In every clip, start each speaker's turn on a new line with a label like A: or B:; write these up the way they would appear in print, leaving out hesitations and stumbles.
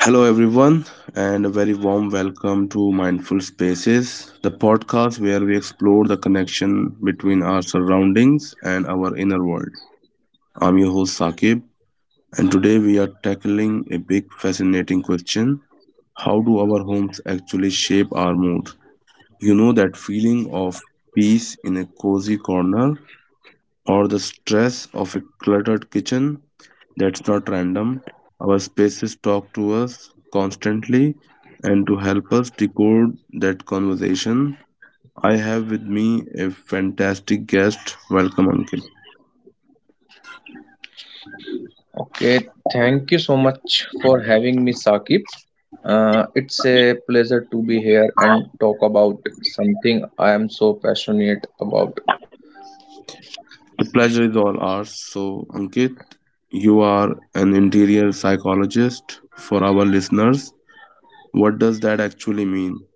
A: Hello, everyone, and a very warm welcome to Mindful Spaces, the podcast where we explore the connection between our surroundings and our inner world. I'm your host, Saqib, and today we are tackling a big, fascinating question: how do our homes actually shape our mood? You know that feeling of peace in a cozy corner, or the stress of a cluttered kitchen. That's not random. Our spaces talk to us constantly, and to help us decode that conversation, I have with me a fantastic guest. Welcome, Ankit.
B: Okay, thank you so much for having me, Sakib. It's a pleasure to be here and talk about something I am so passionate about.
A: The pleasure is all ours. So, Ankit, you are an interior psychologist. For our listeners, what does that actually mean?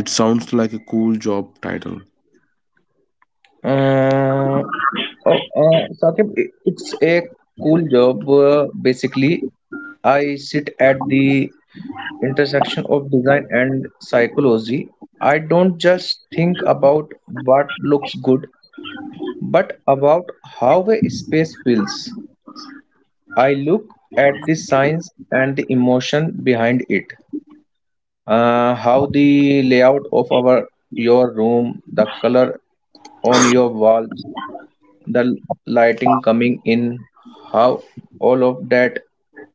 A: It sounds like a cool job title.
B: Uh, oh, Sakib, it's a cool job. Basically, I sit at the intersection of design and psychology. I don't just think about what looks good, but about how a space feels. I look at the science and the emotion behind it. How the layout of our your room, the color on your walls, the lighting coming in, how all of that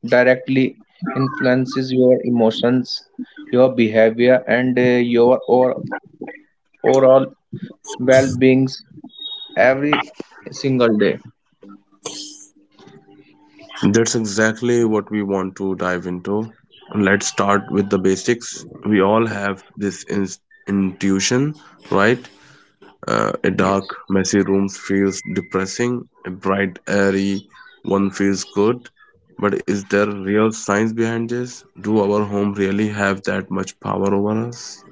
B: directly influences your emotions, your behavior, and your or, overall well-beings every single day.
A: That's exactly what we want to dive into. Let's start with the basics. We all have this intuition, right? A dark,
B: Yes.
A: messy room feels depressing, a bright, airy one feels good. But is there real science behind this? Do our home really have that much power over us?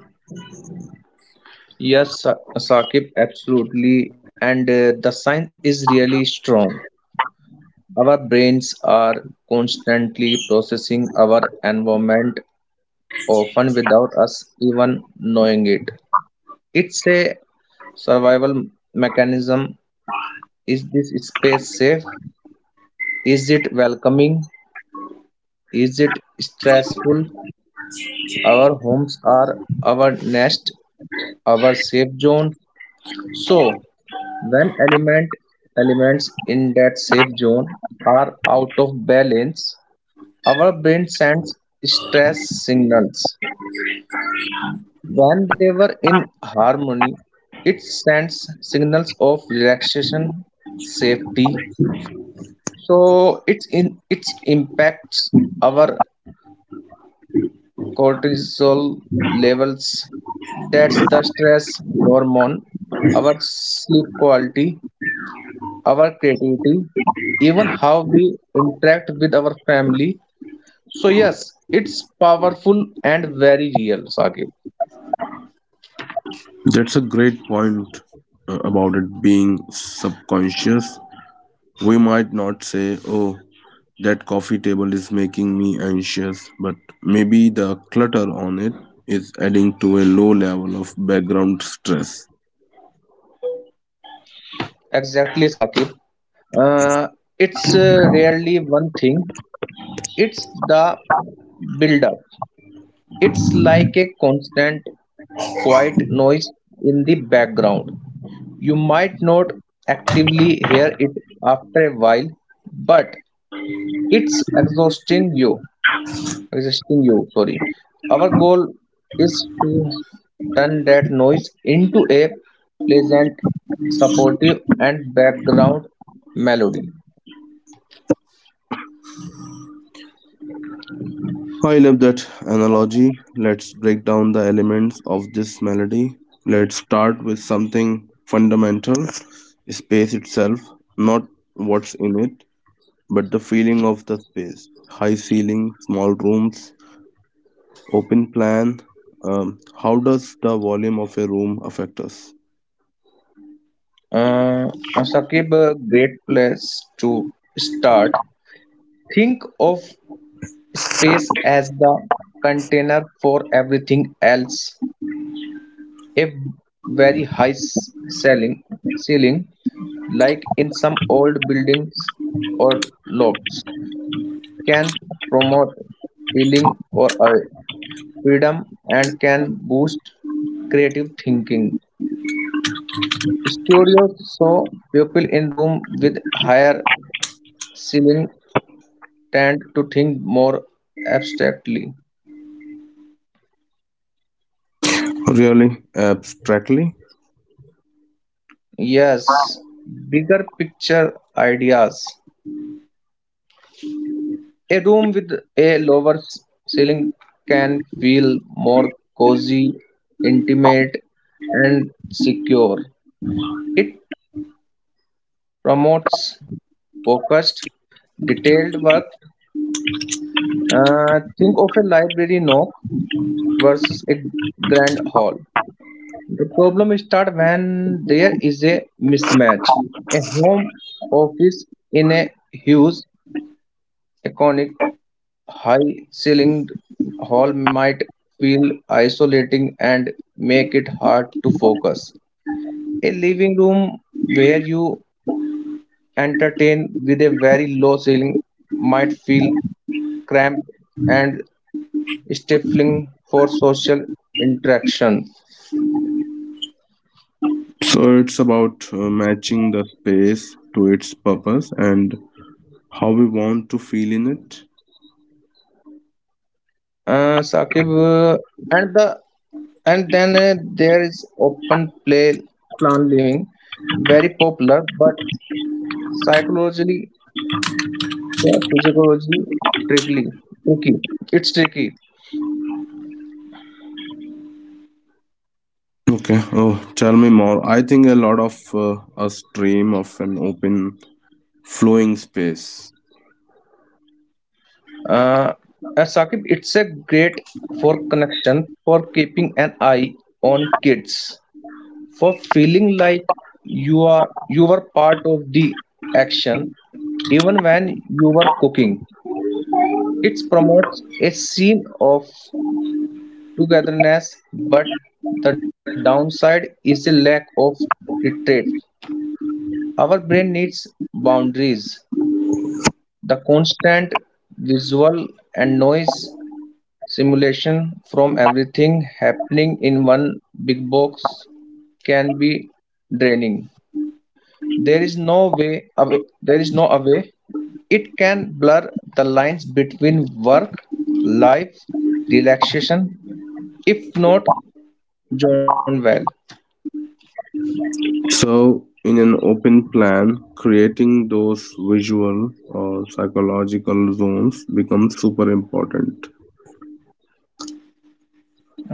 B: Yes, Saqib, absolutely. And the science is really strong. Our brains are constantly processing our environment, often without us even knowing it. It's a survival mechanism. Is this space safe? Is it welcoming? Is it stressful? Our homes are our nest, our safe zone. So, when elements in that safe zone are out of balance, our brain sends stress signals. When they were in harmony, it sends signals of relaxation, safety. So it impacts our cortisol levels. That's the stress hormone, our sleep quality, our creativity, even how we interact with our family. So, yes, it's powerful and very real, Saqib.
A: That's a great point about it being subconscious. We might not say, oh, that coffee table is making me anxious, but maybe the clutter on it is adding to a low level of background stress.
B: Exactly, Saqib. Uh, it's rarely one thing, it's the build up. It's like a constant, quiet noise in the background. You might not actively hear it after a while, but it's exhausting you. Existing, you sorry Our goal is to turn that noise into a pleasant supportive and background melody.
A: I love that analogy. Let's break down the elements of this melody. Let's start with something fundamental: space itself, not what's in it, but the feeling of the space. High ceilings, small rooms, open plan, how does the volume of a room affect us?
B: Sakib, a great place to start, think of space as the container for everything else. A very high s- ceiling ceiling like in some old buildings or lofts can promote healing or freedom and can boost creative thinking. Studios show people in room with higher ceiling tend to think more abstractly.
A: Really abstractly.
B: Yes, bigger picture ideas. A room with a ceiling can feel more cozy, intimate, and secure. It promotes focused, detailed work. Think of a library nook versus a grand hall. The problem starts when there is a mismatch. A home office in a huge, iconic, high ceilinged hall might feel isolating and make it hard to focus. A living room where you entertain with a very low ceiling might feel cramped and stifling for social interaction.
A: So it's about matching the space to its purpose and how we want to feel in it.
B: Saqib, and the and then There is open play plan living, very popular but psychologically, physiologically tricky. Tricky. It's tricky.
A: Okay, oh, tell me more. I think a lot of us dream of an open, flowing space.
B: Uh, Saqib, it's a great for connection, for keeping an eye on kids, for feeling like you are you were part of the action even when you were cooking. It promotes a scene of togetherness, but the downside is a lack of retreat. Our brain needs boundaries. The constant visual and noise simulation from everything happening in one big box can be draining. There is no way away, there is no away it can blur the lines between work, life, relaxation, if not drawn well.
A: So in an open plan, creating those visual or psychological zones becomes super important.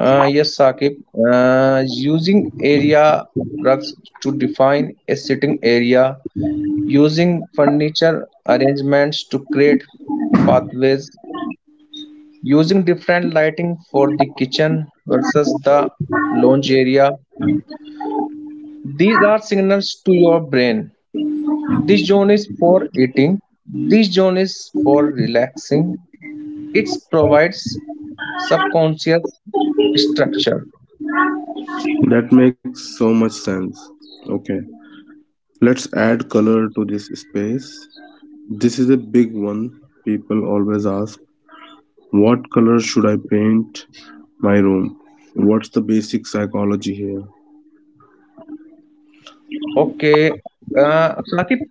B: Yes, Saqib. Using area rugs to define a sitting area, using furniture arrangements to create pathways, using different lighting for the kitchen versus the lounge area. These are signals to your brain: this zone is for eating, this zone is for relaxing. It provides subconscious structure.
A: That makes so much sense. Okay. Let's add color to this space. This is a big one. People always ask, what color should I paint my room? What's the basic psychology here?
B: Okay, Saqib,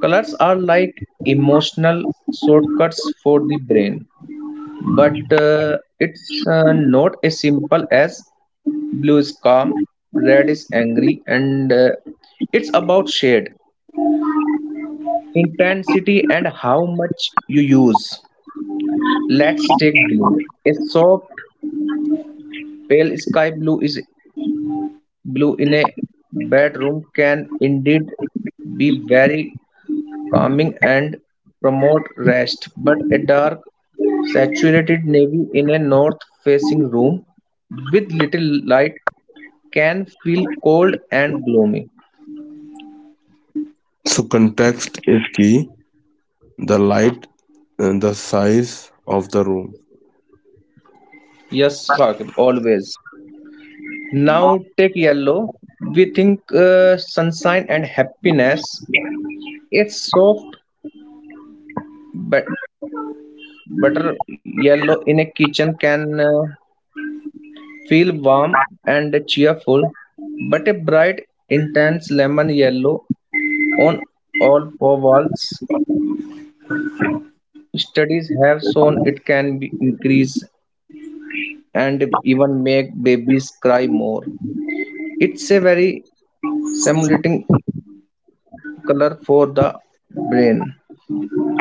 B: colors are like emotional shortcuts for the brain, but it's not as simple as blue is calm, red is angry, and it's about shade, intensity, and how much you use. Let's take blue. A soft Pale sky blue is Blue in a bedroom can indeed be very calming and promote rest, but a dark saturated navy in a north facing room with little light can feel cold and gloomy.
A: So, context is key. The light and the size of the room.
B: Yes, Raghav, always. Now take yellow. We think sunshine and happiness. It's soft but Butter yellow in a kitchen can feel warm and cheerful, but a bright, intense lemon yellow on all four walls. Studies have shown it can be increase and even make babies cry more. It's a very stimulating color for the brain.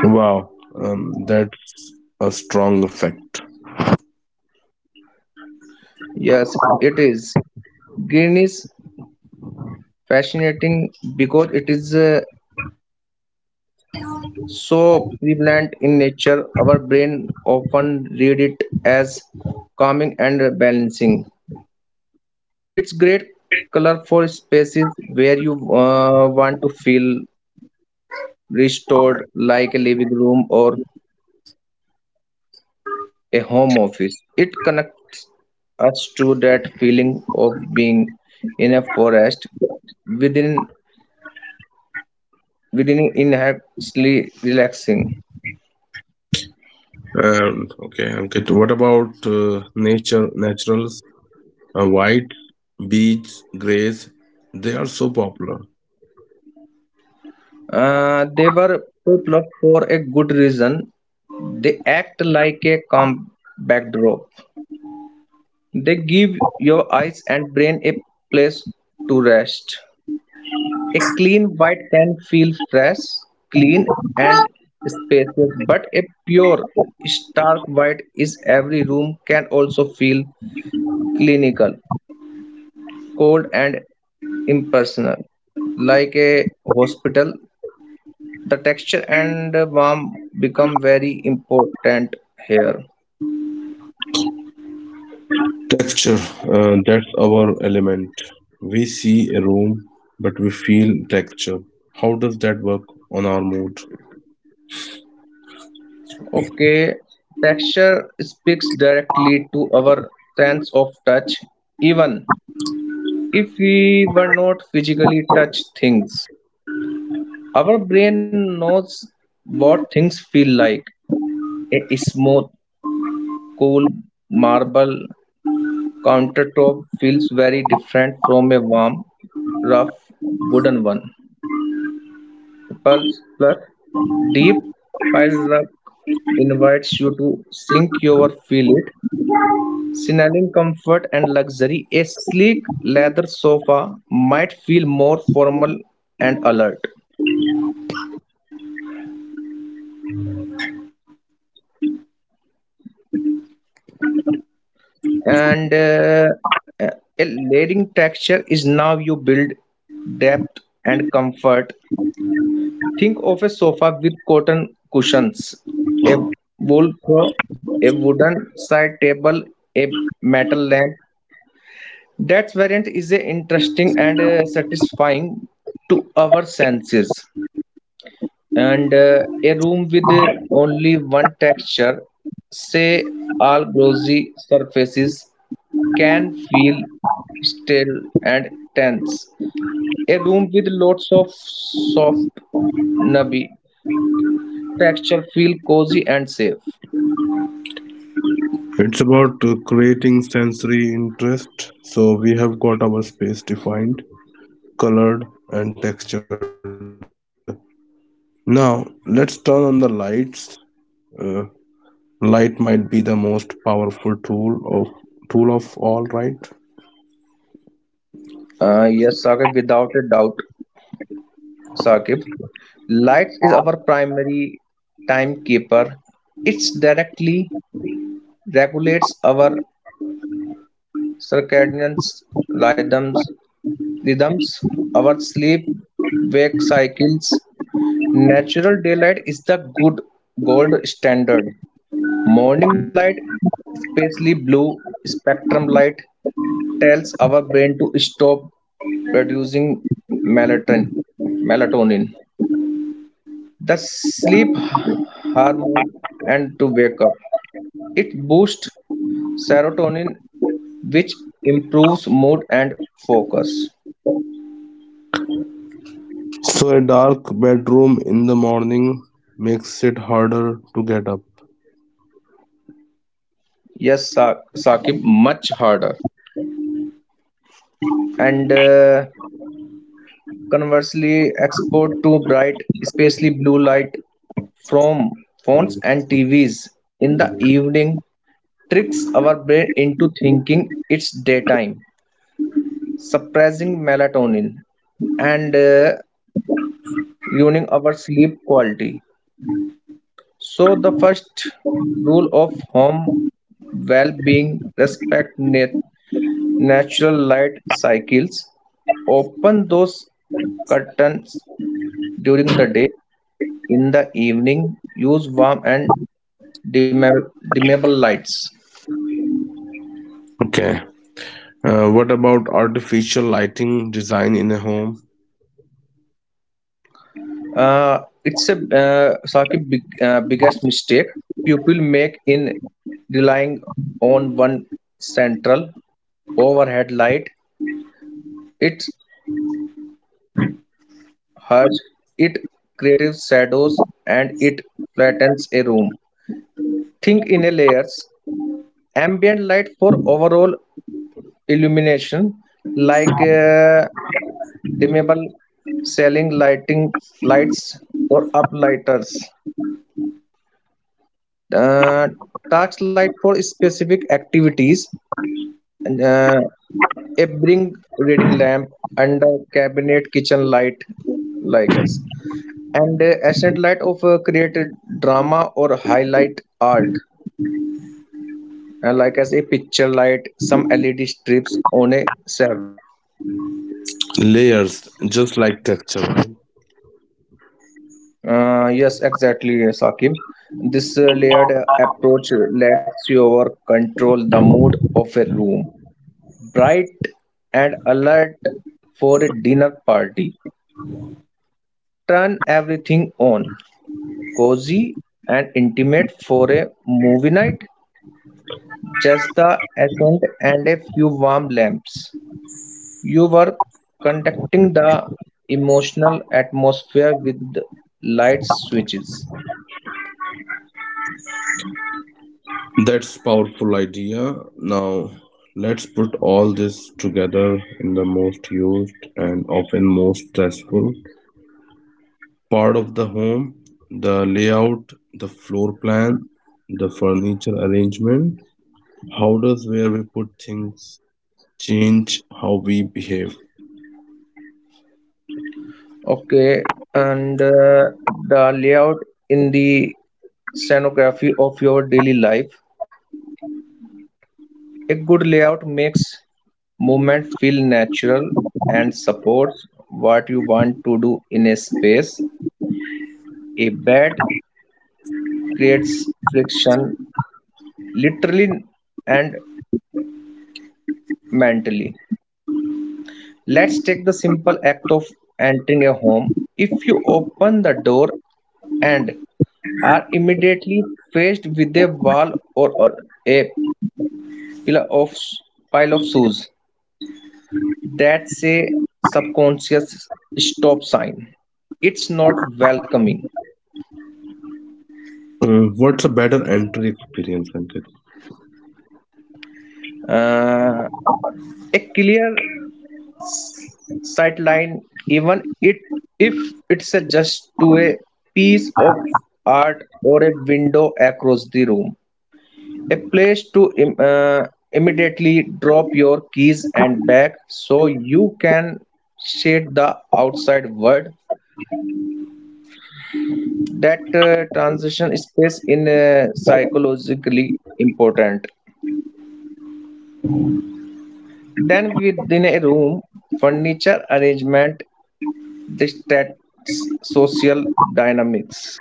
A: Wow. That's a strong effect.
B: Yes, it is. Green is fascinating because it is so prevalent in nature, our brain often read it as calming and balancing. It's great color for spaces where you want to feel restored, like a living room or a home office. It connects us to that feeling of being in a forest, within within inherently relaxing.
A: Okay, Ankit. What about nature naturals? White, beige, grays, they are so popular.
B: They were popular for a good reason. They act like a calm backdrop. They give your eyes and brain a place to rest. A clean white can feel fresh, clean, and spacious, but a pure, stark white is every room can also feel clinical, cold, and impersonal, like a hospital. The texture and warmth become very important here.
A: Texture, that's our element. We see a room, but we feel texture. How does that work on our mood?
B: Okay, texture speaks directly to our sense of touch. Even if we were not physically touch things, our brain knows what things feel like. A smooth cool marble countertop feels very different from a warm rough wooden one. Plus plus deep pile rug invites you to sink your feel it, signaling comfort and luxury. A sleek leather sofa might feel more formal and alert, and a layering texture is now you build depth and comfort. Think of a sofa with cotton cushions, a wool throw, a wooden side table, a metal lamp. That variant is interesting and satisfying to our senses. And a room with only one texture, say all glossy surfaces, can feel still and tense. A room with lots of soft nubby texture feel cozy and safe.
A: It's about creating sensory interest. So we have got our space defined, colored, and textured. Now let's turn on the lights. Uh, light might be the most powerful tool of all, right?
B: Yes, without a doubt, Saqib. Light is our primary timekeeper. It's directly regulates our circadian rhythms, rhythms, our sleep wake cycles. Natural daylight is the good gold standard. Morning light, especially blue spectrum light, tells our brain to stop producing melatonin. melatonin. The sleep hormone and to wake up. It boosts serotonin which improves mood and focus.
A: So a dark bedroom in the morning makes it harder to get up.
B: Yes, Saqib, much harder. And conversely, export to bright, especially blue light from phones and TVs in the evening tricks our brain into thinking it's daytime, suppressing melatonin and ruining our sleep quality. So, the first rule of home well being respect nature natural light cycles. Open those curtains during the day. In the evening, use warm and dimmable lights.
A: Okay. What about artificial lighting design in a home?
B: It's a Saqib, biggest mistake people make in relying on one central overhead light. It hurts, it creates shadows, and it flattens a room. Think in a layers. Ambient light for overall illumination like dimmable ceiling lighting lights or uplighters, uh, task light for specific activities and, a bring reading lamp and a cabinet kitchen light like us, and accent light of created drama or highlight art, like as a picture light, some led strips on a shelf.
A: Layers, just like texture, right?
B: Yes, exactly, Saqib. This layered approach lets you over control the mood of a room. Bright and alert for a dinner party. Turn everything on. Cozy and intimate for a movie night. Just the accent and a few warm lamps. You were conducting the emotional atmosphere with light switches.
A: That's powerful idea. Now let's put all this together in the most used and often most stressful part of the home, the layout, the floor plan, the furniture arrangement. How does where we put things change how we behave?
B: Okay, and the layout in the scenography of your daily life. A good layout makes movement feel natural and supports what you want to do in a space. A bad creates friction literally and mentally. Let's take the simple act of entering a home. If you open the door and are immediately faced with a wall or a pile of pile of shoes, that say subconscious stop sign. It's not welcoming.
A: Mm, what's a better entry experience, Ankit?
B: Uh, a clear sight line, even it if it's a just to a piece of art or a window across the room, a place to immediately drop your keys and bag so you can shade the outside world. That transition space in psychologically important. Then within a room furniture arrangement dictates social dynamics.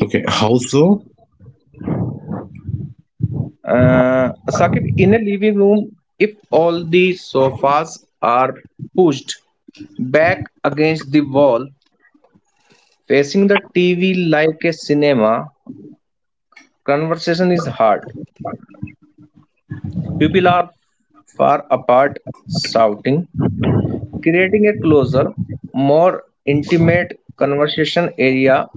A: Okay, how so?
B: uh, Saqib, in a living room if all the sofas are pushed back against the wall facing the tv like a cinema, conversation is hard, people are far apart shouting. Creating a closer, more intimate conversation area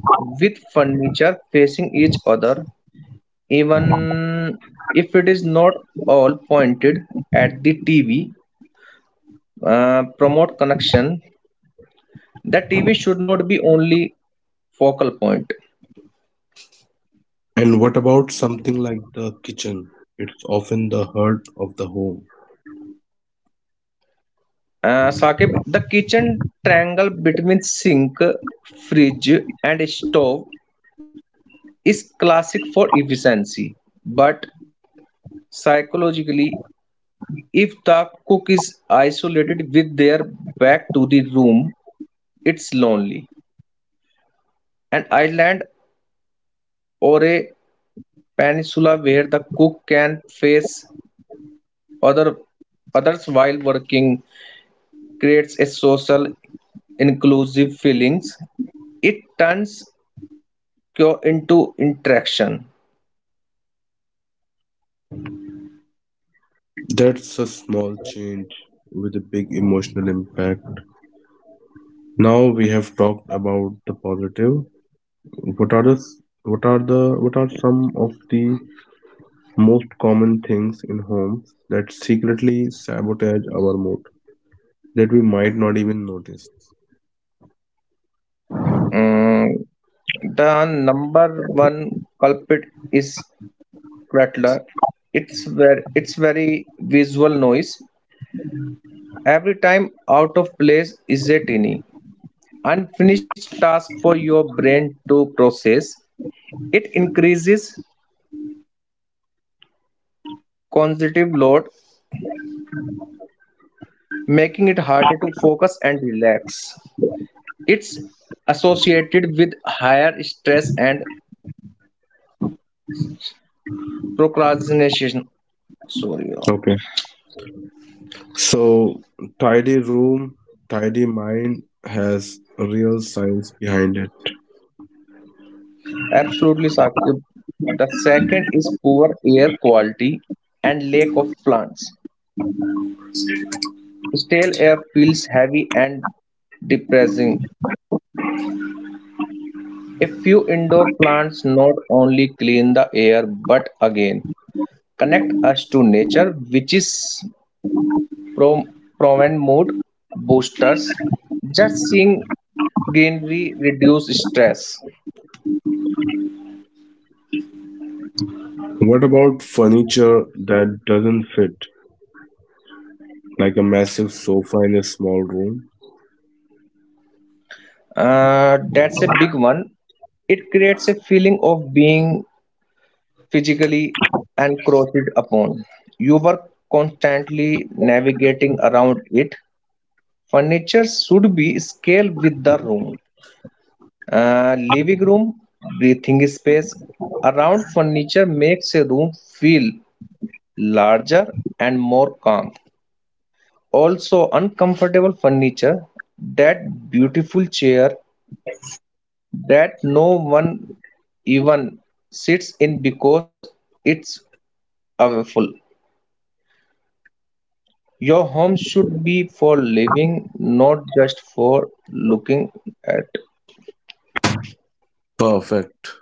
B: with furniture facing each other, even if it is not all pointed at the TV, promote connection. The TV should not be only focal point.
A: And what about something like the kitchen? It's often the heart of the home.
B: Saqib, the kitchen triangle between sink, fridge, and stove is classic for efficiency, but psychologically if the cook is isolated with their back to the room, it's lonely. An island or a peninsula where the cook can face other others while working creates a social inclusive feelings. It turns cure into interaction.
A: That's a small change with a big emotional impact. Now we have talked about the positive. What are the what are some of the most common things in homes that secretly sabotage our mood that we might not even notice?
B: Mm, the number one culprit is clutter. It's very visual noise. Every time out of place is a tiny, unfinished task for your brain to process. It increases cognitive load, making it harder to focus and relax. It's associated with higher stress and procrastination. Sorry,
A: Okay. So, tidy room, tidy mind has real science behind it.
B: absolutely, Sakib. The second is poor air quality and lack of plants. Stale air feels heavy and depressing. A few indoor plants not only clean the air but again connect us to nature, which is pro- proven mood boosters. Just seeing greenery reduce stress.
A: What about furniture that doesn't fit, like a massive sofa in a small room?
B: That's a big one. It creates a feeling of being physically encroached upon. You were constantly navigating around it. Furniture should be scaled with the room. Living room, breathing space around furniture makes a room feel larger and more calm. Also, uncomfortable furniture, that beautiful chair that no one even sits in because it's awful. Your home should be for living, not just for looking at.
A: Perfect.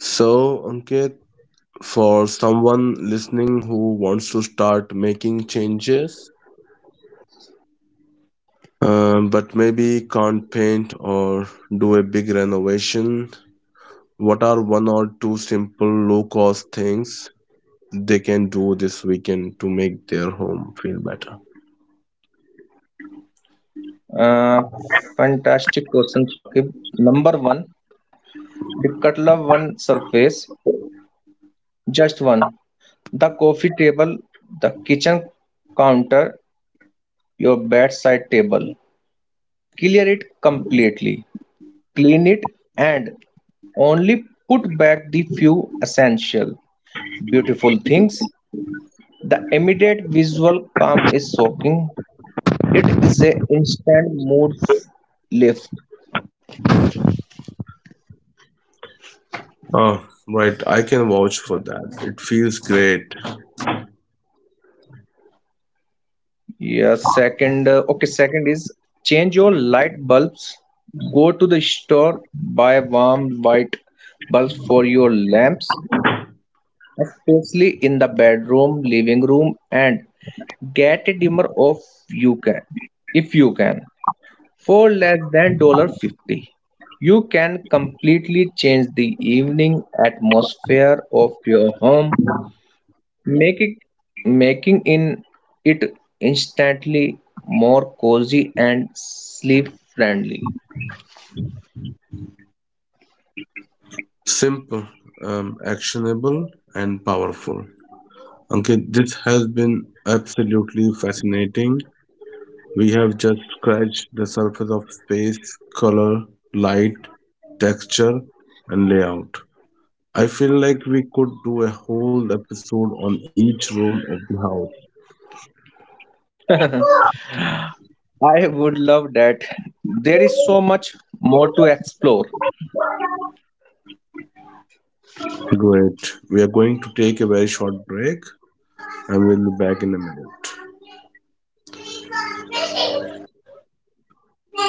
A: So, Ankit, for someone listening who wants to start making changes, but maybe can't paint or do a big renovation, what are one or two simple low cost things they can do this weekend to make their home feel better.
B: Uh, Fantastic question, Shakib. Number one, the Katla one surface. Just one. The coffee table, the kitchen counter, your bedside table. Clear it completely. Clean it and only put back the few essential, beautiful things. The immediate visual calm is shocking. It is a instant mood lift.
A: Oh, right. I can vouch for that. It feels great.
B: Yeah, second, second is change your light bulbs. Go to the store, buy warm white bulbs for your lamps, especially in the bedroom, living room, and get a dimmer of you can if you can for less than dollar fifty. You can completely change the evening atmosphere of your home, making making in it instantly more cozy and sleep friendly.
A: Simple, actionable, and powerful. Okay, this has been absolutely fascinating. We have just scratched the surface of space, color, light, texture, and layout. I feel like we could do a whole episode on each room of the house.
B: I would love that. There is so much more to explore.
A: Great. We are going to take a very short break. I will be back in a minute.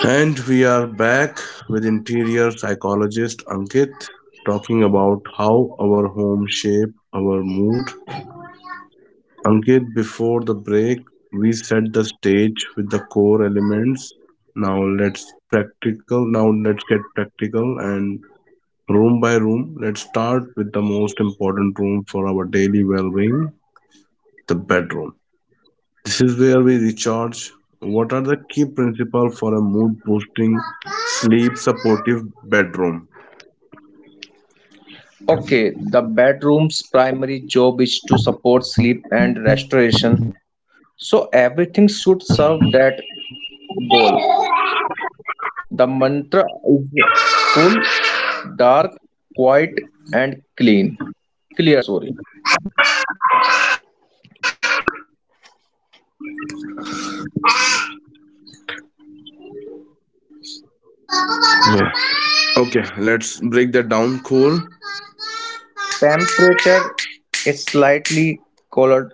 A: And we are back with interior psychologist Ankit, talking about how our home shape our mood. Ankit, before the break, we set the stage with the core elements. Now let's get practical and room by room. Let's start with the most important room for our daily well-being, the bedroom. This is where we recharge. What are the key principles for a mood boosting, sleep supportive bedroom?
B: Okay, the bedroom's primary job is to support sleep and restoration. So everything should serve that goal. The mantra is cool, dark, quiet and clean. Clear, sorry.
A: Yeah. Okay, let's break that down. Cool.
B: Temperature is slightly colored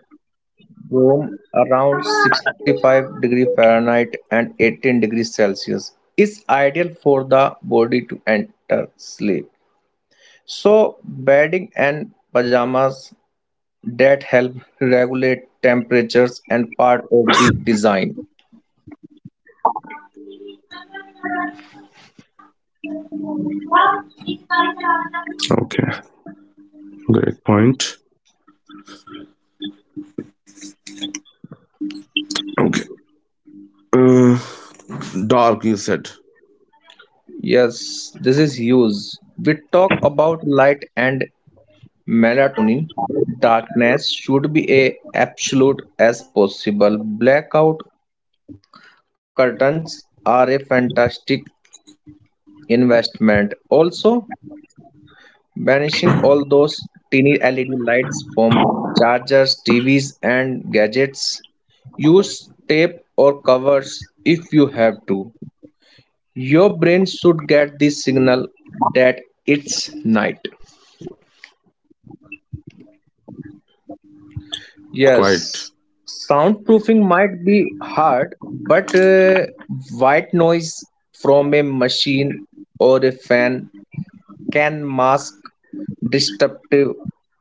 B: room around 65-degree Fahrenheit and 18 degrees Celsius is ideal for the body to enter sleep. So bedding and pajamas that help regulate temperatures and part of the design.
A: Okay, great point. Okay, uh, dark you said.
B: Yes, this is huge. We talk about light and melatonin darkness should be a absolute as possible. Blackout curtains are a fantastic investment. Also, banishing all those teeny LED lights from chargers, TVs, and gadgets. Use tape or covers if you have to. Your brain should get the signal that it's night.
A: Quiet
B: Yes, soundproofing might be hard, but white noise from a machine or a fan can mask disruptive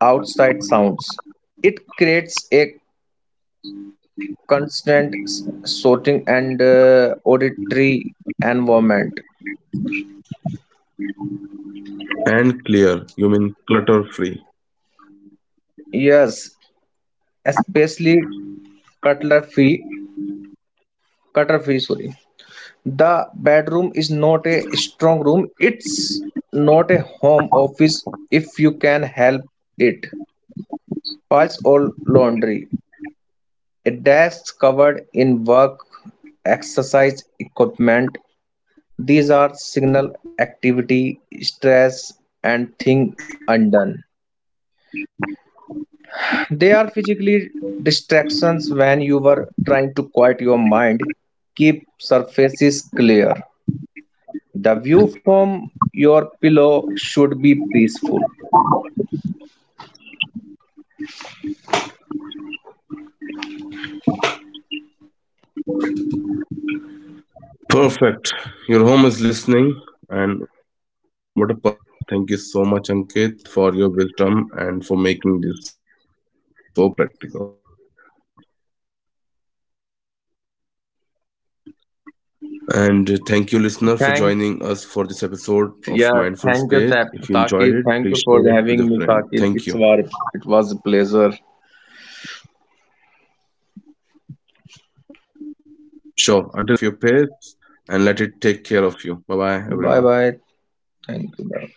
B: outside sounds. It creates a constant sorting and auditory environment.
A: and clear. You mean clutter free.
B: Yes, especially cutlery, cutlery, sorry. The bedroom is not a strong room. It's not a home office if you can help it. Piles or laundry. A desk covered in work, exercise equipment. These are signal activity, stress, and thing undone. They are physically distractions when you were trying to quiet your mind. Keep surfaces clear. The view from your pillow should be peaceful.
A: Perfect. Your home is listening, and what a perfect way to end. Thank you so much, Ankit, for your wisdom and for making this so practical. And thank you, listener, for joining us for this episode of
B: Thanks.
A: Mindful Space. If you enjoyed
B: Yes,
A: it, please share
B: thank
A: it
B: you,
A: with a friend.
B: Saqib.
A: Thank
B: Thank
A: you.
B: you for having me, Saqib. It's war. It was a pleasure.
A: Sure. Until next time, take care of your pets and let it take care of you. Bye bye,
B: Bye
A: everyone.
B: bye. Thank you. Bye.